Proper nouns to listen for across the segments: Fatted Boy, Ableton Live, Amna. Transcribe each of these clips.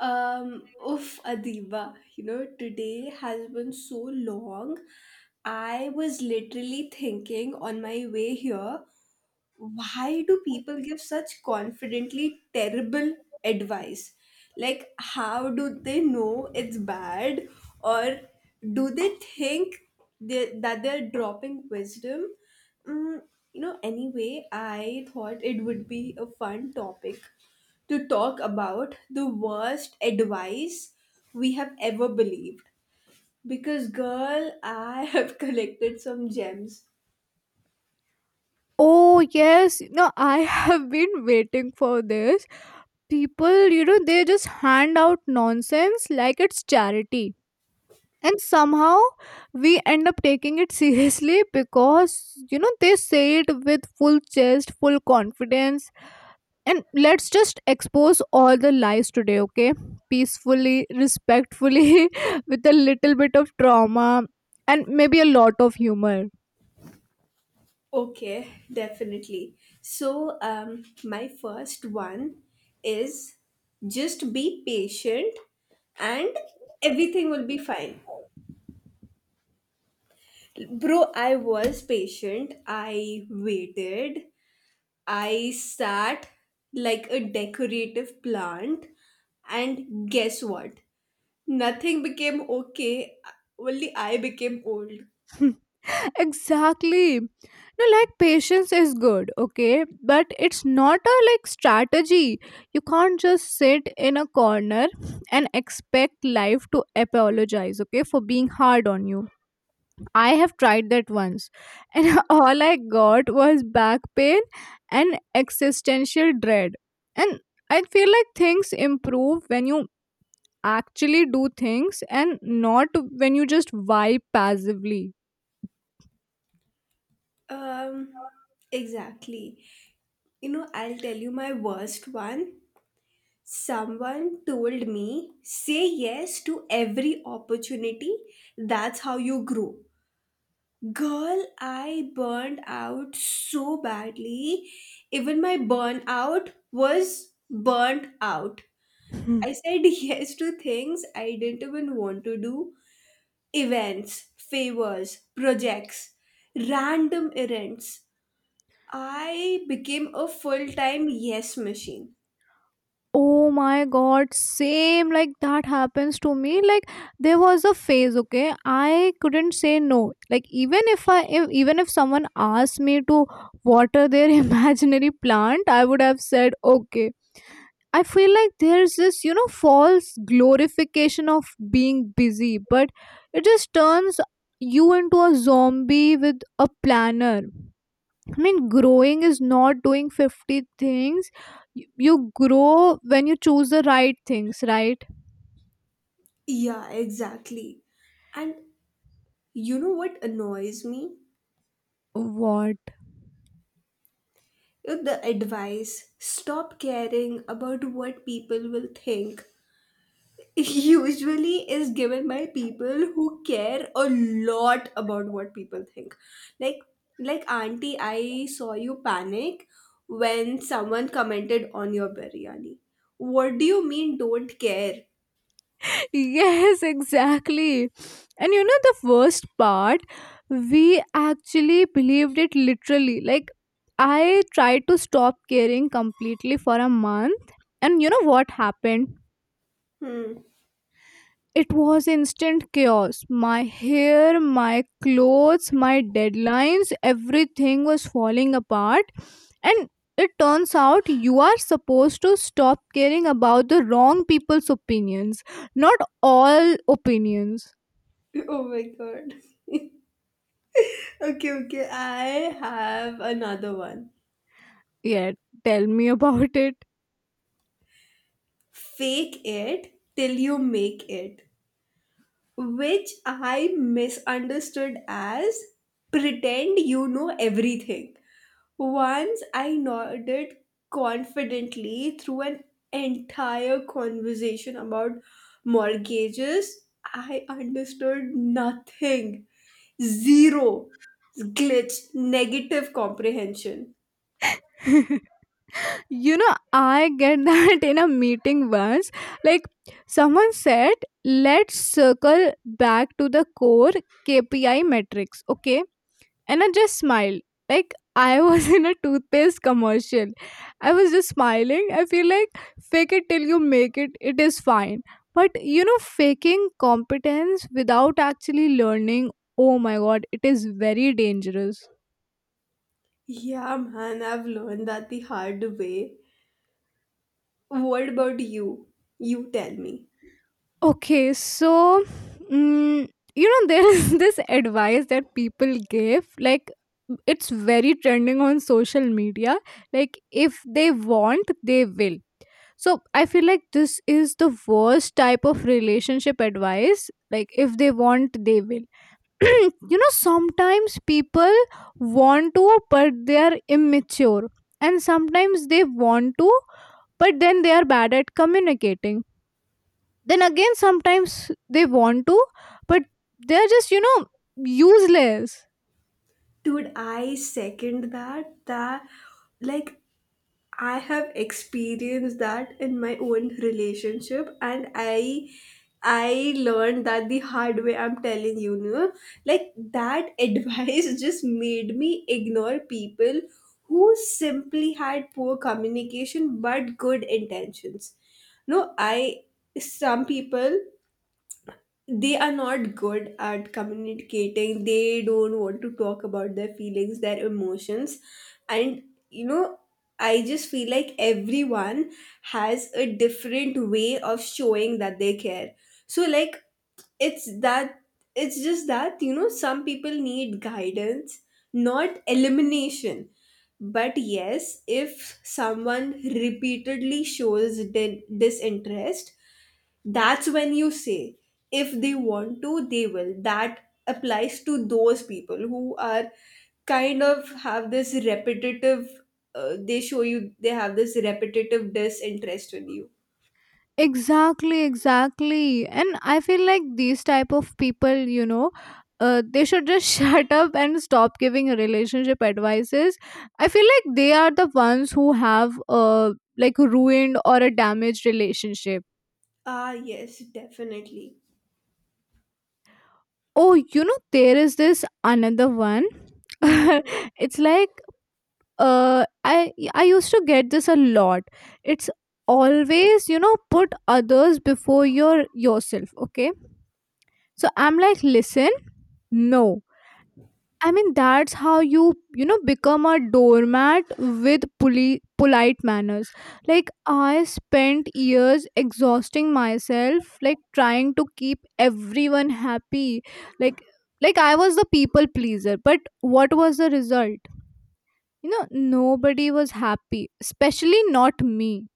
Adiba, you know, today has been so long. I was literally thinking on my way here, why do people give such confidently terrible advice? Like, how do they know it's bad? Or do they think that they're dropping wisdom? Mm, you know, anyway, I thought it would be a fun topic to talk about the worst advice we have ever believed. Because, girl, I have collected some gems. Oh, yes. No, I have been waiting for this. People, you know, they just hand out nonsense like it's charity. And somehow we end up taking it seriously because, you know, they say it with full chest, full confidence. And let's just expose all the lies today, okay? Peacefully, respectfully, with a little bit of trauma and maybe a lot of humor. Okay, definitely. So my first one is just be patient and everything will be fine. Bro, I was patient. I waited. I sat like a decorative plant, and guess what? Nothing became okay, only I became old. Exactly. No, like, patience is good, okay, but it's not a, like, strategy. You can't just sit in a corner and expect life to apologize, okay, for being hard on you. I have tried that once, and all I got was back pain and existential dread. And I feel like things improve when you actually do things and not when you just vibe passively. Um, exactly. You know, I'll tell you my worst one. Someone told me, say yes to every opportunity, that's how you grow. Girl, I burned out so badly. Even my burnout was burnt out. I said yes to things I didn't even want to do, events, favors, projects, random errands. I became a full time yes machine. Oh my god, same, like that happens to me. Like, there was a phase, okay? I couldn't say no. Like, even if I if, even if someone asked me to water their imaginary plant, I would have said okay. I feel like there's this, you know, false glorification of being busy, but it just turns you into a zombie with a planner. I mean, growing is not doing 50 things. You grow when you choose the right things, right? Yeah, exactly. And you know what annoys me? What? The advice stop caring about what people will think usually is given by people who care a lot about what people think, like like, auntie, I saw you panic when someone commented on your biryani. What do you mean don't care? Yes, exactly. And you know, the worst part, we actually believed it literally. Like, I tried to stop caring completely for a month. And you know what happened? Hmm. It was instant chaos. My hair, my clothes, my deadlines, everything was falling apart. And it turns out you are supposed to stop caring about the wrong people's opinions, not all opinions. Oh my god, okay, okay, I have another one. Yeah, tell me about it. Fake it till you make it, which I misunderstood as pretend you know everything. Once I nodded confidently through an entire conversation about mortgages. I understood nothing. Zero. Glitch. Negative comprehension. You know, I get that in a meeting once. Like, someone said, let's circle back to the core KPI metrics, okay? And I just smiled. Like, I was in a toothpaste commercial. I was just smiling. I feel like fake it till you make it, it is fine. But you know, faking competence without actually learning, oh my god, it is very dangerous. Yeah, man, I've learned that the hard way. What about you? You tell me. Okay, so mm, you know, there is this advice that people give, like it's very trending on social media, like if they want, they will. So I feel like this is the worst type of relationship advice, like if they want, they will. You know, sometimes people want to, but they are immature. And sometimes they want to, but then they are bad at communicating. Then again, sometimes they want to, but they're just, you know, useless. Dude, I second that. That, like, I have experienced that in my own relationship, and I learned that the hard way, I'm telling you, no? Like that advice just made me ignore people who simply had poor communication but good intentions. No, I, some people, they are not good at communicating, they don't want to talk about their feelings, their emotions, and you know, I just feel like everyone has a different way of showing that they care. So like, it's that it's just that, you know, some people need guidance, not elimination. But yes, if someone repeatedly shows disinterest, that's when you say if they want to, they will. That applies to those people who are kind of have this repetitive they show you, they have this repetitive disinterest in you. Exactly, and I feel like these type of people, you know, they should just shut up and stop giving relationship advices. I feel like they are the ones who have a, like, ruined or a damaged relationship. Ah yes, definitely. Oh, you know, there is this another one. Hmm. It's like, I used to get this a lot. It's always, you know, put others before yourself, okay. So I'm like, listen, no, I mean that's how you, you know, become a doormat with polite manners. Like, I spent years exhausting myself, like trying to keep everyone happy. like like I was the people pleaser, but what was the result? You know, nobody was happy, especially not me.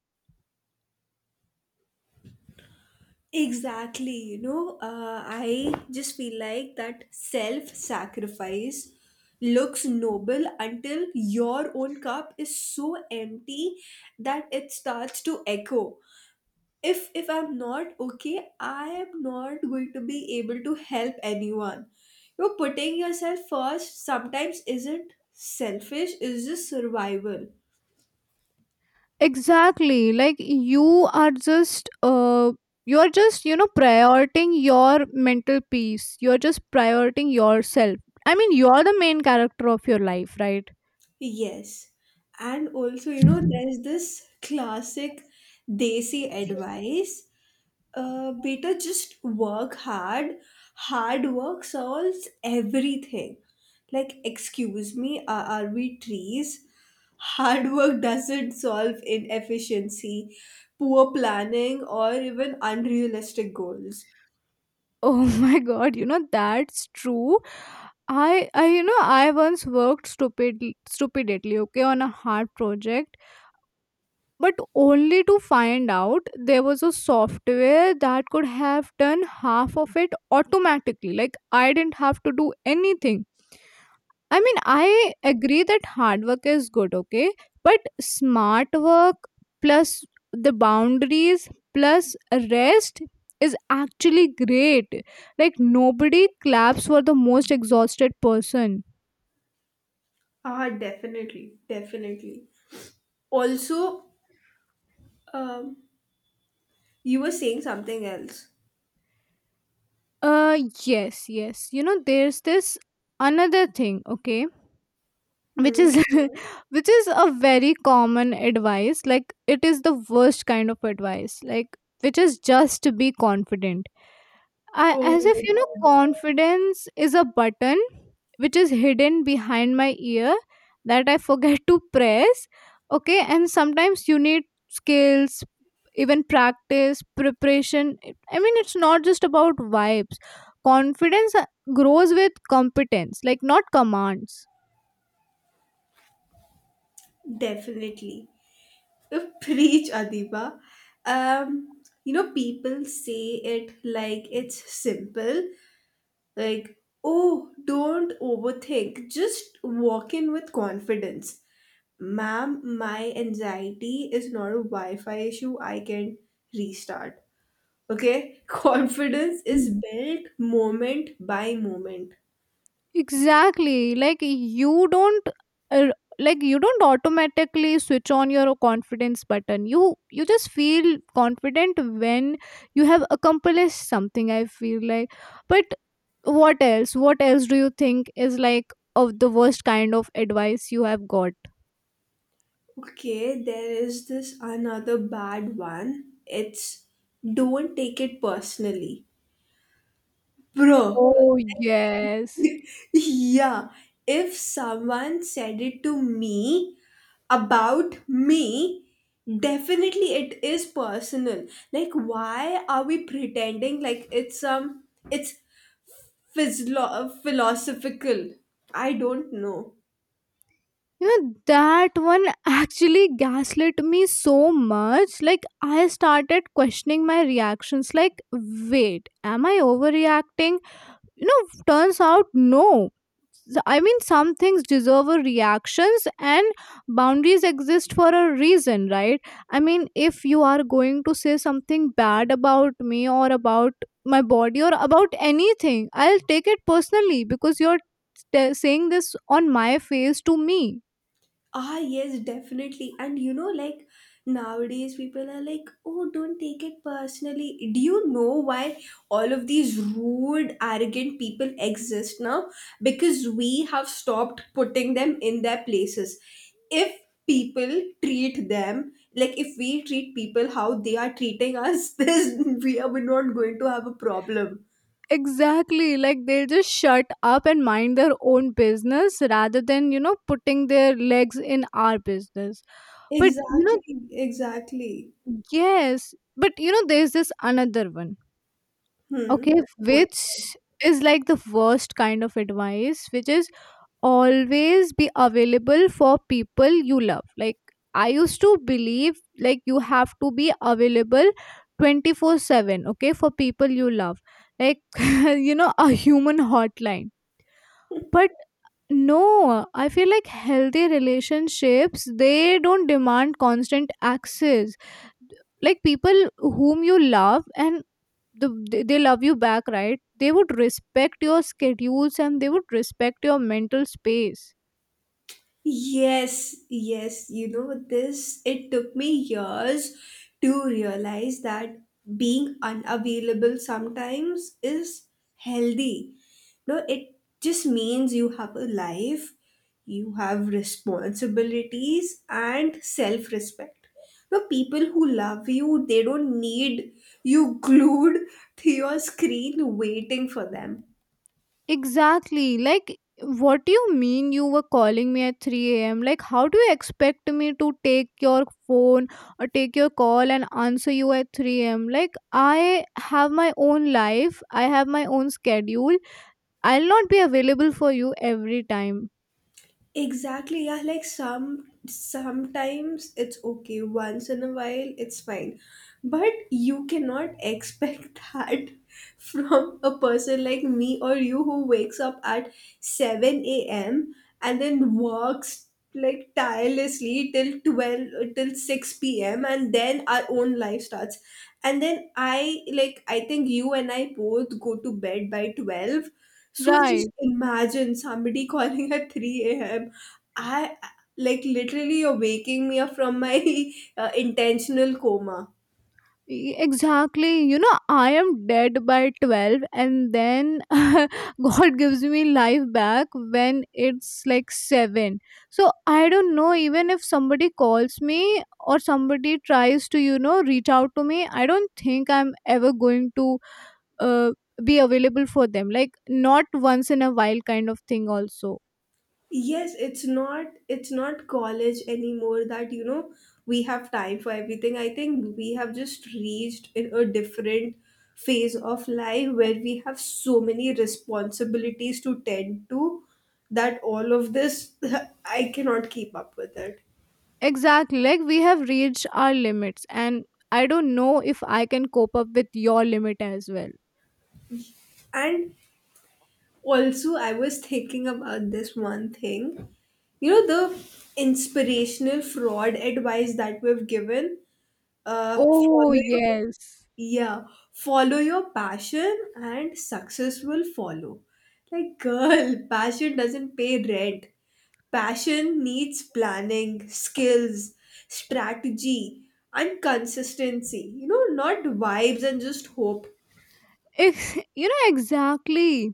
Exactly, you know, I just feel like that self sacrifice looks noble until your own cup is so empty that it starts to echo. If I'm not okay, I am not going to be able to help anyone. You know, putting yourself first sometimes isn't selfish, it's just survival. Exactly. Like, you are just you're just, you know, prioritizing your mental peace, you're just prioritizing yourself. I mean, you're the main character of your life, right? Yes. And also, you know, there's this classic desi advice, better just work hard. Hard work solves everything. Like, excuse me, are we trees? Hard work doesn't solve inefficiency, poor planning, or even unrealistic goals. Oh, my god, you know, that's true. I you know, I once worked stupidly, okay, on a hard project, but only to find out there was a software that could have done half of it automatically. Like, I didn't have to do anything. I mean, I agree that hard work is good, okay? But smart work plus the boundaries plus rest is actually great. Like, nobody claps for the most exhausted person. Ah, definitely, definitely. Also, um, you were saying something else. Uh, yes, yes. You know, there's this another thing, okay? Which Hmm. is which is a very common advice, like it is the worst kind of advice, like which is just to be confident. I, Oh as if, my you know, god, confidence is a button which is hidden behind my ear that I forget to press, okay. And sometimes you need skills, even practice, preparation. I mean, it's not just about vibes. Confidence, grows with competence, like not commands. definitely. Preach, Adiba. You know, people say it like it's simple, like, oh, don't overthink, just walk in with confidence. Ma'am, my anxiety is not a Wi Fi issue, I can restart. Okay, confidence is built moment by moment. Exactly. Like, you don't uh, like you don't automatically switch on your confidence button. You just feel confident when you have accomplished something, I feel like. But what else? What else do you think is like of the worst kind of advice you have got? Okay, there is this another bad one. It's don't take it personally. Bro, Oh, yes. yeah, if someone said it to me about me, definitely it is personal. Like, why are we pretending like it's philosophical? I don't know. You know, that one actually gaslit me so much. Like, I started questioning my reactions. Like, wait, am I overreacting? You know, turns out no. I mean, some things deserve a reactions, and boundaries exist for a reason, right? I mean, if you are going to say something bad about me or about my body or about anything, I'll take it personally because you're saying this on my face to me. Ah, yes, definitely. And you know, like nowadays people are like, oh, don't take it personally. Do you know why all of these rude, arrogant people exist now? Because we have stopped putting them in their places. If people treat them, like if we treat people how they are treating us, this we are we're not going to have a problem. Exactly, like they'll just shut up and mind their own business rather than, you know, putting their legs in our business. But you know. Exactly, exactly. Yes, but you know, there's this another one, Hmm. okay, What? which is like the worst kind of advice, which is always be available for people you love. Like, I used to believe like you have to be available 24/7, okay, for people you love, like you know, a human hotline. But no, I feel like healthy relationships they don't demand constant access. Like, people whom you love and they love you back, right? They would respect your schedules and they would respect your mental space. Yes, yes, you know, this, it took me years to realize that being unavailable sometimes is healthy. No, it just means you have a life, you have responsibilities and self-respect. No, people who love you, they don't need you glued to your screen waiting for them. Exactly. Like, what do you mean you were calling me at 3 a.m.? Like, how do you expect me to take your phone or take your call and answer you at 3 a.m.? Like, I have my own life, I have my own schedule. I'll not be available for you every time. Exactly, yeah, like sometimes it's okay, once in a while it's fine. But you cannot expect that from a person like me or you who wakes up at 7 a.m. and then works like tirelessly till 12, till 6 p.m., and then our own life starts. And then I, like I think you and I both go to bed by 12, so just Right. imagine somebody calling at 3 a.m. I, like literally you're waking me up from my intentional coma. Exactly, you know, I am dead by 12, and then god gives me life back when it's like 7. So I don't know, even if somebody calls me or somebody tries to, you know, reach out to me, I don't think I'm ever going to uh, be available for them, like not once in a while kind of thing also. Yes, it's not college anymore that, you know, we have time for everything. I think we have just reached in a different phase of life where we have so many responsibilities to tend to that all of this I cannot keep up with it. Exactly, like we have reached our limits, and I don't know if I can cope up with your limit as well. And also, I was thinking about this one thing. You know, the inspirational fraud advice that we've given, uh, Oh, follow your, yes. yeah, follow your passion and success will follow. Like, girl, passion doesn't pay rent. Passion needs planning, skills, strategy, and consistency. You know, not vibes and just hope. You know, exactly.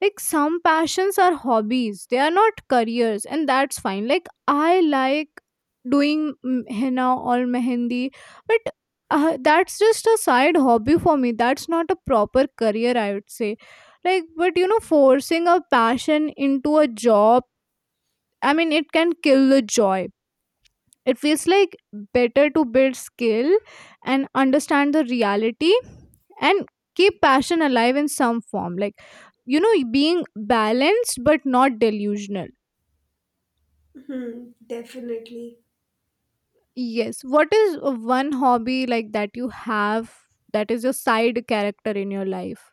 Like, some passions are hobbies, they are not careers, and that's fine. Like, I like doing henna or mehendi, but that's just a side hobby for me. That's not a proper career, I would say. Like, but you know, forcing a passion into a job, I mean, it can kill the joy. It feels like better to build skill and understand the reality and keep passion alive in some form. Like, you know, being balanced but not delusional. Hmm, definitely. Yes. What is one hobby like that you have that is your side character in your life?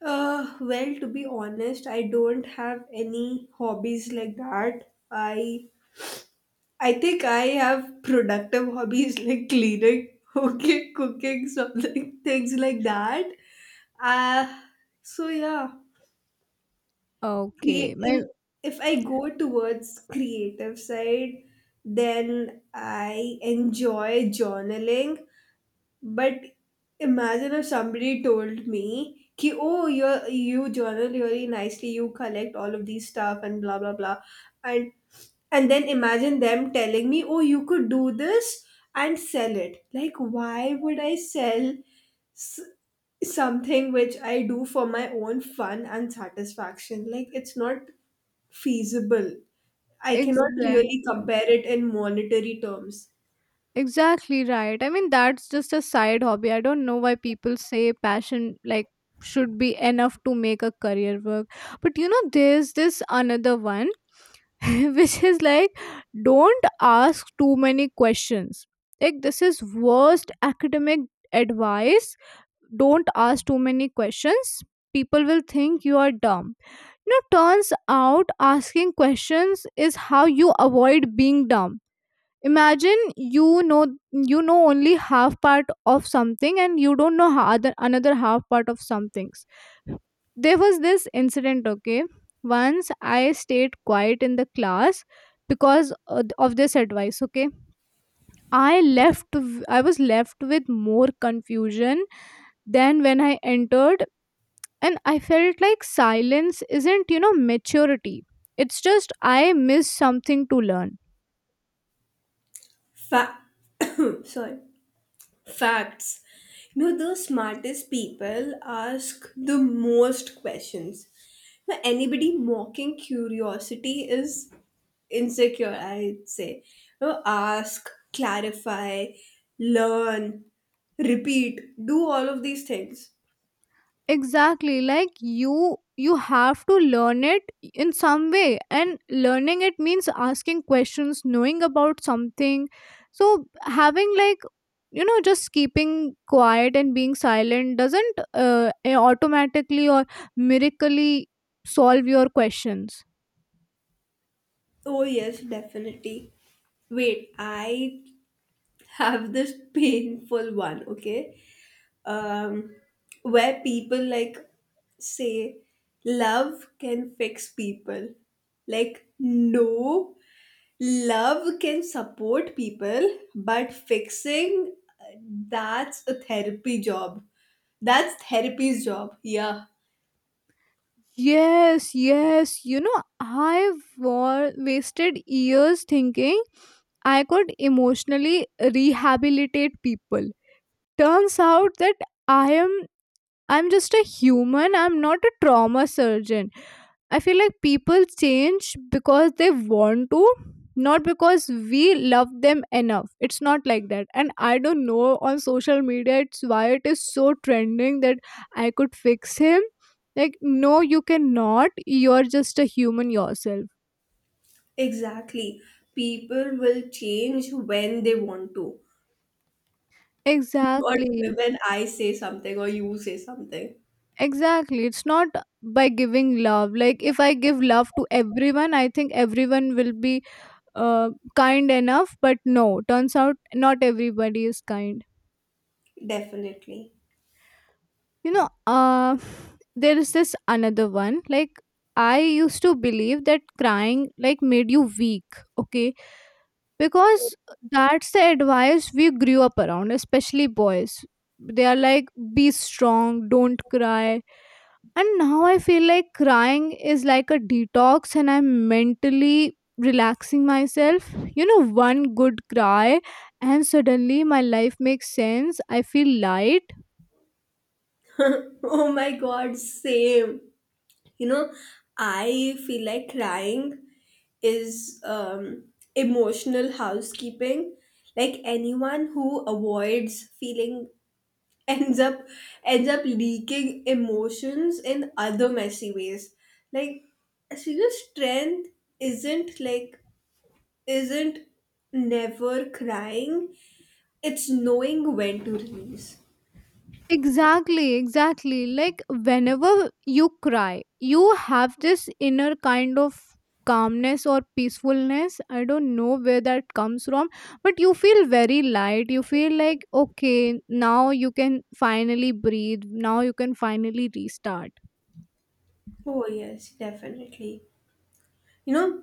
Well, to be honest, I don't have any hobbies like that. I think I have productive hobbies like cleaning, okay, cooking, something, things like that. Uh, so yeah, Okay. create, My and if I go towards creative side, then I enjoy journaling. But imagine if somebody told me, ki, oh, you journal really nicely, you collect all of these stuff and blah blah blah, and and then imagine them telling me, oh, you could do this and sell it. Like, why would I sell s- something which I do for my own fun and satisfaction? Like, it's not feasible. I cannot exact really compare it in monetary terms. exactly right. I mean, that's just a side hobby. I don't know why people say passion like should be enough to make a career work. But you know, there's this another one which is like don't ask too many questions. Like, this is worst academic advice. Don't ask too many questions. People will think you are dumb. You know, turns out asking questions is how you avoid being dumb. Imagine, you know, only half part of something and you don't know other another half part of some things. There was this incident, okay. Once, I stayed quiet in the class because of this advice, okay. I left I was left with more confusion than when I entered. And I felt like silence isn't, you know, maturity, it's just I missed something to learn. Fa- sorry. Facts. You know, the smartest people ask the most questions. Now, anybody mocking curiosity is insecure, I'd say. You know, ask, clarify, learn, repeat, do all of these things. Exactly, like you have to learn it in some way, and learning it means asking questions, knowing about something. So having like, you know, just keeping quiet and being silent doesn't automatically or miraculously solve your questions. Oh, yes, definitely. Wait, I have this painful one, okay? um, where people like say love can fix people. Like, no, love can support people, but fixing, that's a therapy job. That's therapy's job. Yeah, Yes, yes, you know, I've wasted years thinking I could emotionally rehabilitate people. Turns out that i am I'm just a human. I'm not a trauma surgeon. I feel like people change because they want to, not because we love them enough. It's not like that. And I don't know, on social media it's why it is so trending that I could fix him. Like, no you cannot, you're just a human yourself. exactly. People will change when they want to, not Exactly, when I say something or you say something. exactly. It's not by giving love. Like, if I give love to everyone, I think everyone will be uh, kind enough, but no, turns out not everybody is kind. Definitely. you know uh, there is this another one. Like, I used to believe that crying like made you weak. Okay. Because that's the advice we grew up around, especially boys. They are like, be strong, don't cry. And now I feel like crying is like a detox and I'm mentally relaxing myself. You know, one good cry and suddenly my life makes sense. I feel light. Oh my god, same. You know, I feel like crying is emotional housekeeping. Like anyone who avoids feeling ends up ends up leaking emotions in other messy ways. Like real strength isn't like isn't never crying. It's knowing when to release. Exactly, exactly. Like whenever you cry, you have this inner kind of calmness or peacefulness. I don't know where that comes from, but you feel very light. You feel like, okay, now you can finally breathe. Now you can finally restart. Oh yes, definitely. You know,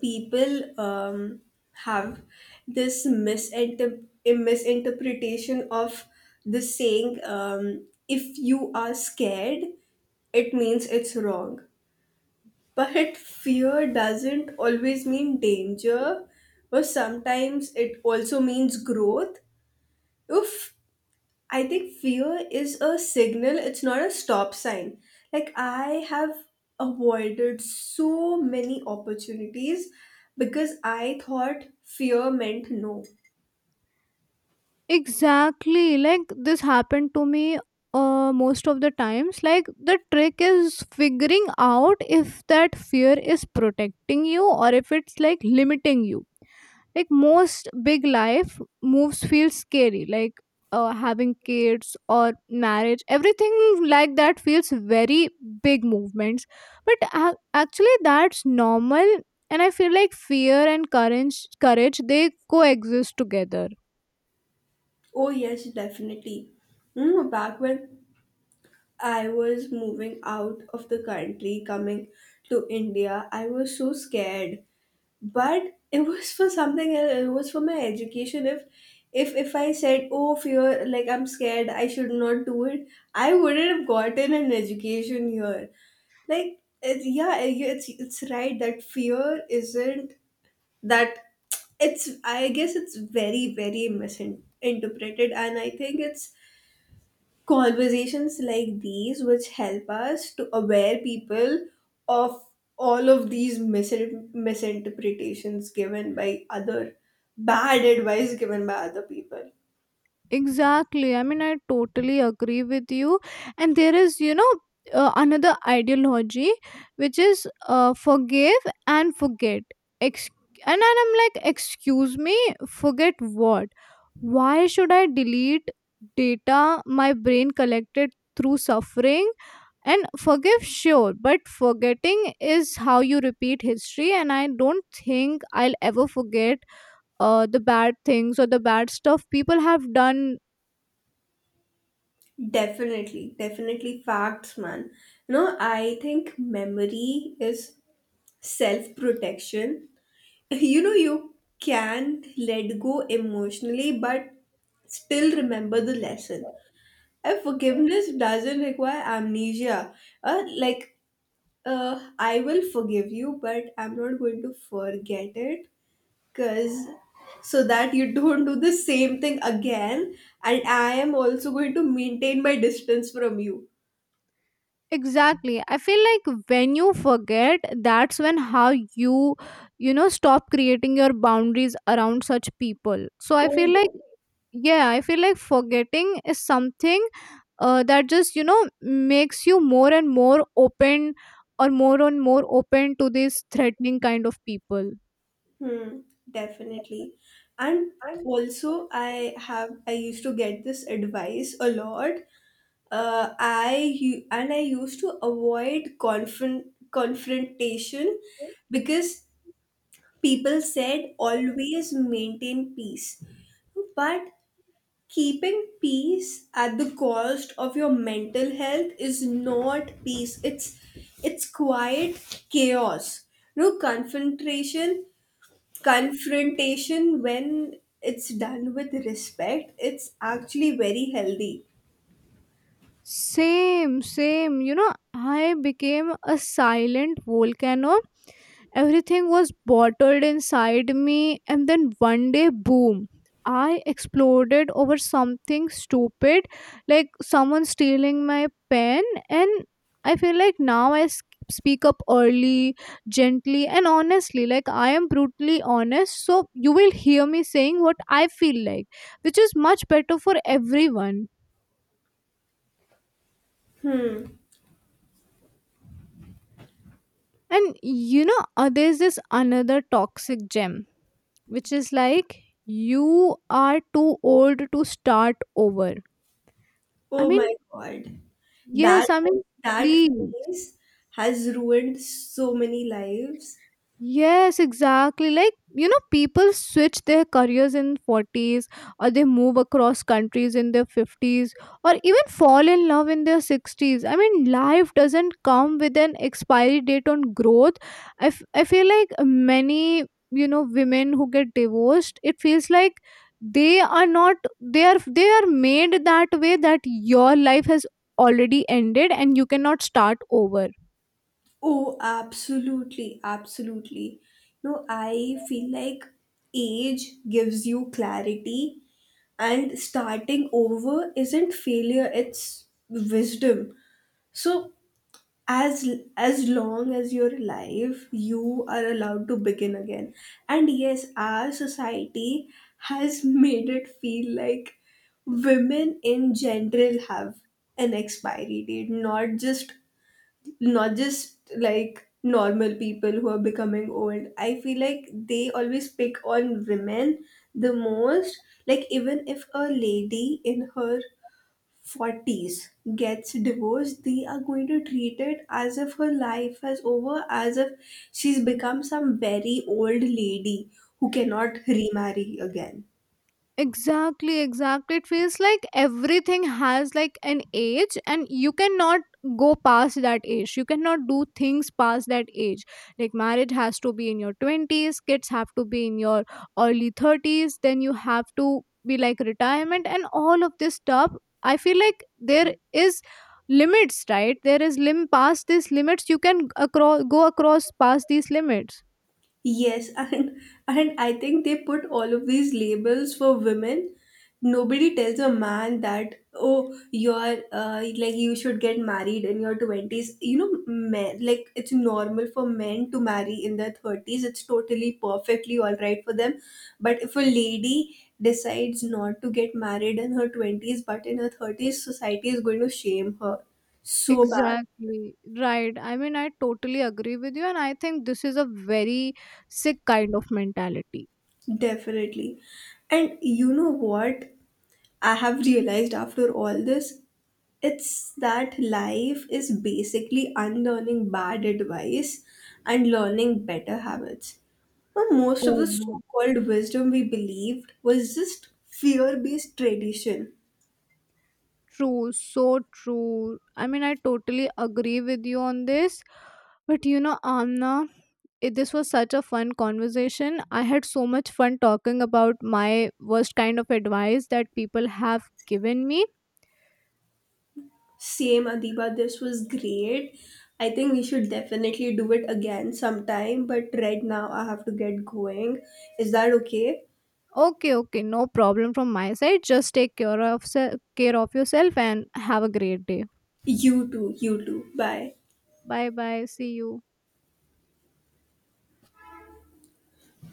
people, have this misinterpretation of the saying, if you are scared it means it's wrong, but fear doesn't always mean danger, or sometimes it also means growth. If I think fear is a signal, it's not a stop sign. Like, I have avoided so many opportunities because I thought fear meant no. Exactly. Like this happened to me most of the times. Like, the trick is figuring out if that fear is protecting you or if it's like limiting you. Like most big life moves feel scary. Like having kids or marriage, everything like that feels very big movements. But actually, that's normal. And I feel like fear and courage, they coexist together. Oh, yes, definitely. Mm, back when I was moving out of the country, coming to India, I was so scared, but it was for something else, it was for my education. If I said oh fear like I'm scared I should not do it, I wouldn't have gotten an education here. Like yeah, it's right that fear isn't that, it's, I guess it's very very misinterpreted, and I think it's conversations like these which help us to aware people of all of these misinterpretations given by other, bad advice given by other people. Exactly. I mean, I totally agree with you. And there is, you know, another ideology which is forgive and forget. Ex- and then I'm like, excuse me, forget what? Why should I delete data my brain collected through suffering? And forgive, sure, but forgetting is how you repeat history. And I don't think I'll ever forget the bad things or the bad stuff people have done. Definitely, definitely, facts, man. You know, I think memory is self protection. You know, you can let go emotionally but still remember the lesson. And forgiveness doesn't require amnesia. Uh, like I will forgive you, but I'm not going to forget it, because so that you don't do the same thing again. And I am also going to maintain my distance from you. Exactly. I feel like when you forget, that's when how you, you know, stop creating your boundaries around such people. So I Oh, feel like, yeah. yeah, I feel like forgetting is something that just, you know, makes you more and more open, to these threatening kind of people. Hmm, definitely. And also, I used to get this advice a lot. I u- and I used to avoid confrontation because people said always maintain peace, but keeping peace at the cost of your mental health is not peace. It's quiet chaos. No confrontation, Confrontation when it's done with respect, it's actually very healthy. Same, same. You know, I became a silent volcano. Everything was bottled inside me, and then one day, boom, I exploded over something stupid like someone stealing my pen. And I feel like now speak up early, gently, and honestly. Like, I am brutally honest, so you will hear me saying what I feel like, which is much better for everyone. And you know, there's this another toxic gem, which is like, you are too old to start over. I Oh mean, my god. That, yes, I mean, that please. phrase has ruined so many lives. Yes, exactly. Like, you know, people switch their careers in 40s or they move across countries in their 50s or even fall in love in their 60s. I mean, life doesn't come with an expiry date on growth. I feel like many, you know, women who get divorced, it feels like they are not they are they are made that way, that your life has already ended and you cannot start over. Oh, absolutely, absolutely. No, I feel like age gives you clarity, and starting over isn't failure, it's wisdom. So, as as long as you're alive, you are allowed to begin again. And yes, our society has made it feel like women in general have an expiry date, not just like normal people who are becoming old. I feel like they always pick on women the most. Like, even if a lady in her 40s gets divorced, they are going to treat it as if her life has over, as if she's become some very old lady who cannot remarry again. Exactly, exactly. It feels like everything has like an age, and you cannot go past that age. You cannot do things past that age. Like marriage has to be in your 20s, kids have to be in your early 30s, then you have to be like retirement and all of this stuff. I feel like there is limits, right? There is lim Past these limits, you can across past these limits. Yes, and I think they put all of these labels for women. Nobody tells a man that oh you're, like you should get married in your 20s. You know, men, like it's normal for men to marry in their 30s. It's totally perfectly all right for them. But if a lady decides not to get married in her 20s but in her 30s, society is going to shame her so bad. Exactly. Right. I mean, I totally agree with you, and I think this is a very sick kind of mentality. Definitely. And you know what? I have realized after all this, it's that life is basically unlearning bad advice and learning better habits. But most of Oh, the so no. called wisdom we believed was just fear based tradition. True. So true. I mean, I totally agree with you on this. But you know, Amna, this was such a fun conversation. I had so much fun talking about my worst kind of advice that people have given me. Same, Adiba, this was great. I think we should definitely do it again sometime, but right now I have to get going. Is that okay? Okay, okay, no problem from my side. Just take care of care of yourself and have a great day. You too, you too. Bye. Bye bye. See you.